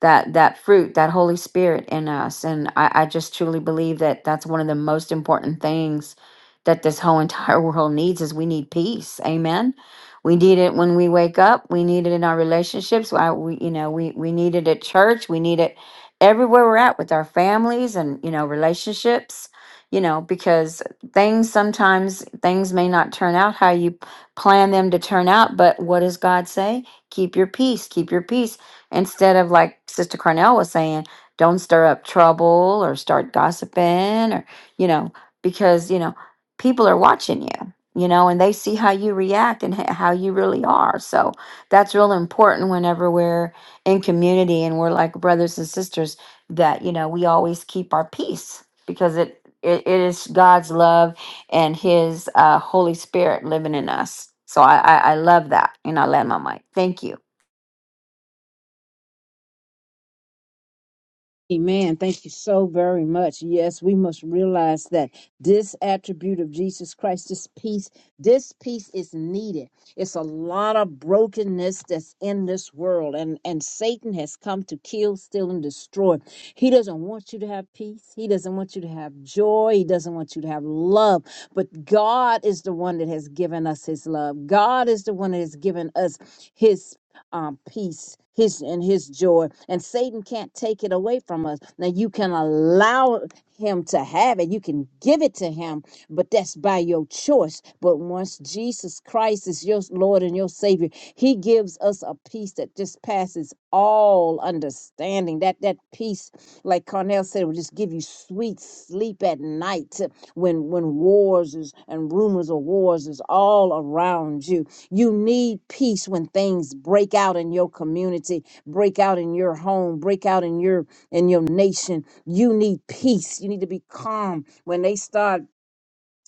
S4: that that fruit that holy spirit in us and I, I just truly believe that that's one of the most important things that this whole entire world needs is we need peace amen we need it when we wake up we need it in our relationships I, we you know we we need it at church we need it everywhere we're at with our families and you know relationships you know because things sometimes things may not turn out how you plan them to turn out but what does god say keep your peace keep your peace instead of like Sister Cornell was saying, don't stir up trouble or start gossiping or, you know, because, you know, people are watching you, you know, and they see how you react and h- how you really are. So that's real important whenever we're in community and we're like brothers and sisters that, you know, we always keep our peace because it, it, it is God's love and His uh, Holy Spirit living in us. So I, I, I love that. And I land my mic. Thank you.
S3: Amen. Thank you so very much. Yes, we must realize that this attribute of Jesus Christ, this peace, this peace is needed. It's a lot of brokenness that's in this world, and and Satan has come to kill, steal, and destroy. He doesn't want you to have peace. He doesn't want you to have joy. He doesn't want you to have love. But God is the one that has given us His love. God is the one that has given us His um, peace, his and his joy. And Satan can't take it away from us. Now you can allow him to have it. You can give it to him, but that's by your choice. But once Jesus Christ is your Lord and your Savior, He gives us a peace that just passes all understanding. That that peace, like Cornell said, will just give you sweet sleep at night when when wars is, and rumors of wars is all around you you need peace when things break out in your community, break out in your home, break out in your in your nation. You need peace. You need to be calm when they start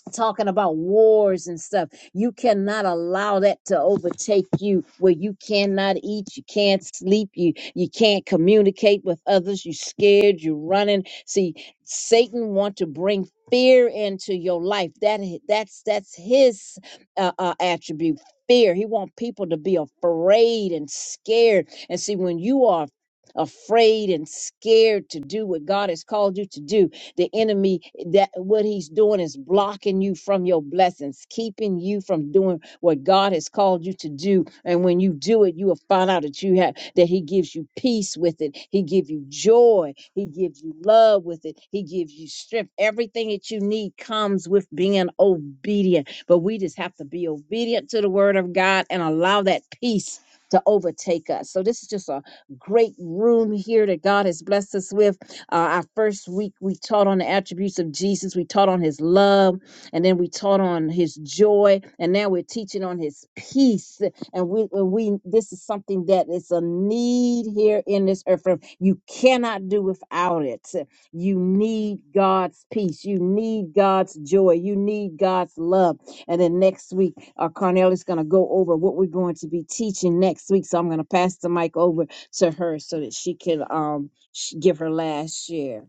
S3: talking about wars and stuff. You cannot allow that to overtake you where you cannot eat, you can't sleep, you you can't communicate with others, you are scared, you're running. See, Satan want to bring fear into your life. That i- that's that's his uh, uh, attribute. Fear. He want people to be afraid and scared. And see when you are afraid and scared to do what God has called you to do the enemy that what he's doing is blocking you from your blessings, keeping you from doing what God has called you to do. And when you do it, you will find out that you have that he gives you peace with it. He gives you joy. He gives you love with it. He gives you strength. Everything that you need comes with being obedient. But we just have to be obedient to the word of God and allow that peace to overtake us. So this is just a great room here that God has blessed us with. Uh, our first week, we taught on the attributes of Jesus. We taught on his love, and then we taught on his joy, and now we're teaching on his peace. And we, and we, this is something that is a need here in this earth. realm. You cannot do without it. You need God's peace. You need God's joy. You need God's love. And then next week, uh, Carnell is going to go over what we're going to be teaching next week. So I'm going to pass the mic over to her so that she can um, sh- give her last share.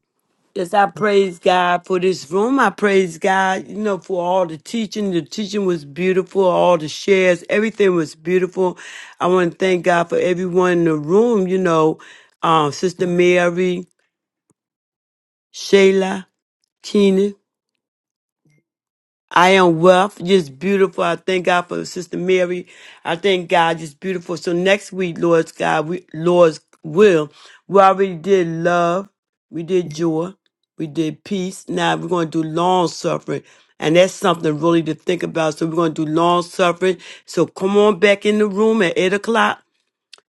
S2: Yes, I praise God for this room. I praise God, you know, for all the teaching. The teaching was beautiful. All the shares, everything was beautiful. I want to thank God for everyone in the room, you know, um, Sister Mary, Shayla, Keenan, I am wealth, just beautiful. I thank God for Sister Mary. I thank God, just beautiful. So next week, Lord's God, we, Lord's will, we already did love, we did joy, we did peace. Now we're going to do long suffering. And that's something really to think about. So we're going to do long suffering. So come on back in the room at 8 o'clock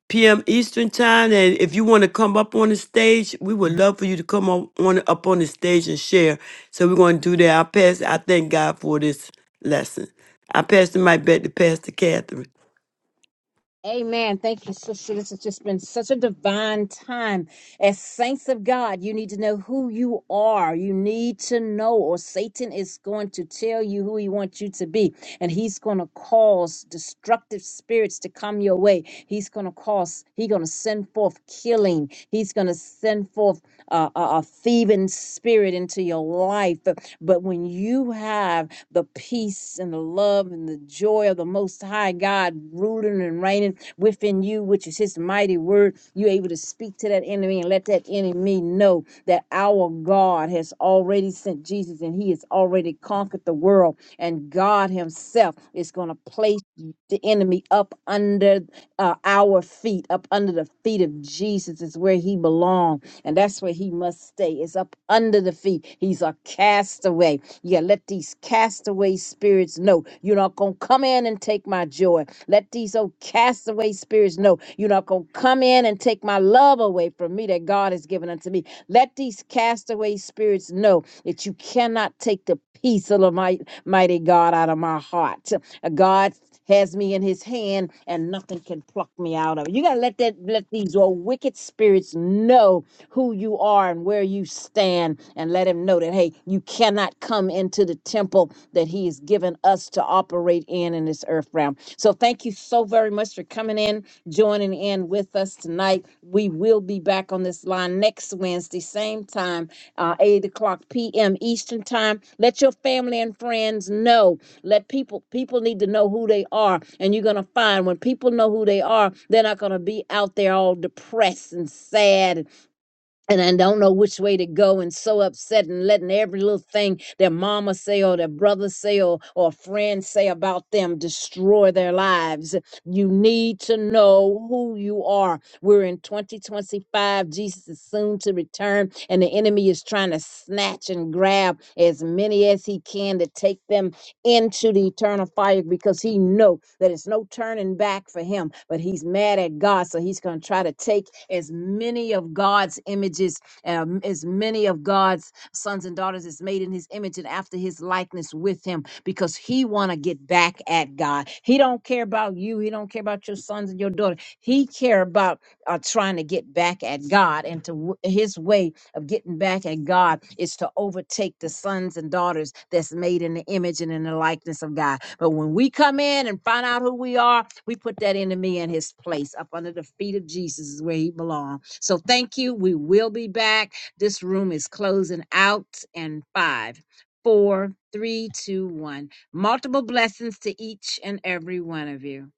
S2: p.m. Eastern time. And if you want to come up on the stage, we would love for you to come up on up on the stage and share. So we're going to do that. I pass. I thank God for this lesson. I pass the mic back to Pastor Catherine.
S3: Amen. Thank you, sister. This has just been such a divine time. As saints of God, you need to know who you are. You need to know, or Satan is going to tell you who he wants you to be. And he's going to cause destructive spirits to come your way. He's going to cause, he's going to send forth killing. He's going to send forth uh, a, a thieving spirit into your life. But, but when you have the peace and the love and the joy of the Most High God ruling and reigning, within you, which is his mighty word. You're able to speak to that enemy and let that enemy know that our God has already sent Jesus and he has already conquered the world. And God himself is going to place the enemy up under uh, our feet, up under the feet of Jesus is where he belongs. And that's where he must stay. It's up under the feet. He's a castaway. Yeah, let these castaway spirits know you're not going to come in and take my joy. Let these old castaway spirits know you're not going to come in and take my love away from me that God has given unto me. Let these castaway spirits know that you cannot take the peace of the might- mighty God out of my heart. Uh, God has me in his hand and nothing can pluck me out of it. You got to let that let these old wicked spirits know who you are and where you stand and let him know that hey you cannot come into the temple that he has given us to operate in in this earth realm so thank you so very much for coming in joining in with us tonight we will be back on this line next wednesday same time uh, 8 o'clock p.m eastern time let your family and friends know let people people need to know who they are and you're going to find when people know who they are they're not going to be out there all depressed and sad and I don't know which way to go and so upset and letting every little thing their mama say or their brother say or, or a friend say about them destroy their lives. You need to know who you are. We're in 2025. Jesus is soon to return and the enemy is trying to snatch and grab as many as he can to take them into the eternal fire because he know that it's no turning back for him but he's mad at god so he's going to try to take as many of god's images um, as many of god's sons and daughters is made in his image and after his likeness with him because he want to get back at god he don't care about you he don't care about your sons and your daughter he care about uh, trying to get back at god and to w- his way of getting back at God is to overtake the sons and daughters that's made in the image and in the likeness of God. But when we come in and find out who we are, we put that enemy in his place up under the feet of Jesus is where he belongs. So thank you. We will be back. This room is closing out in five, four, three, two, one. Multiple blessings to each and every one of you.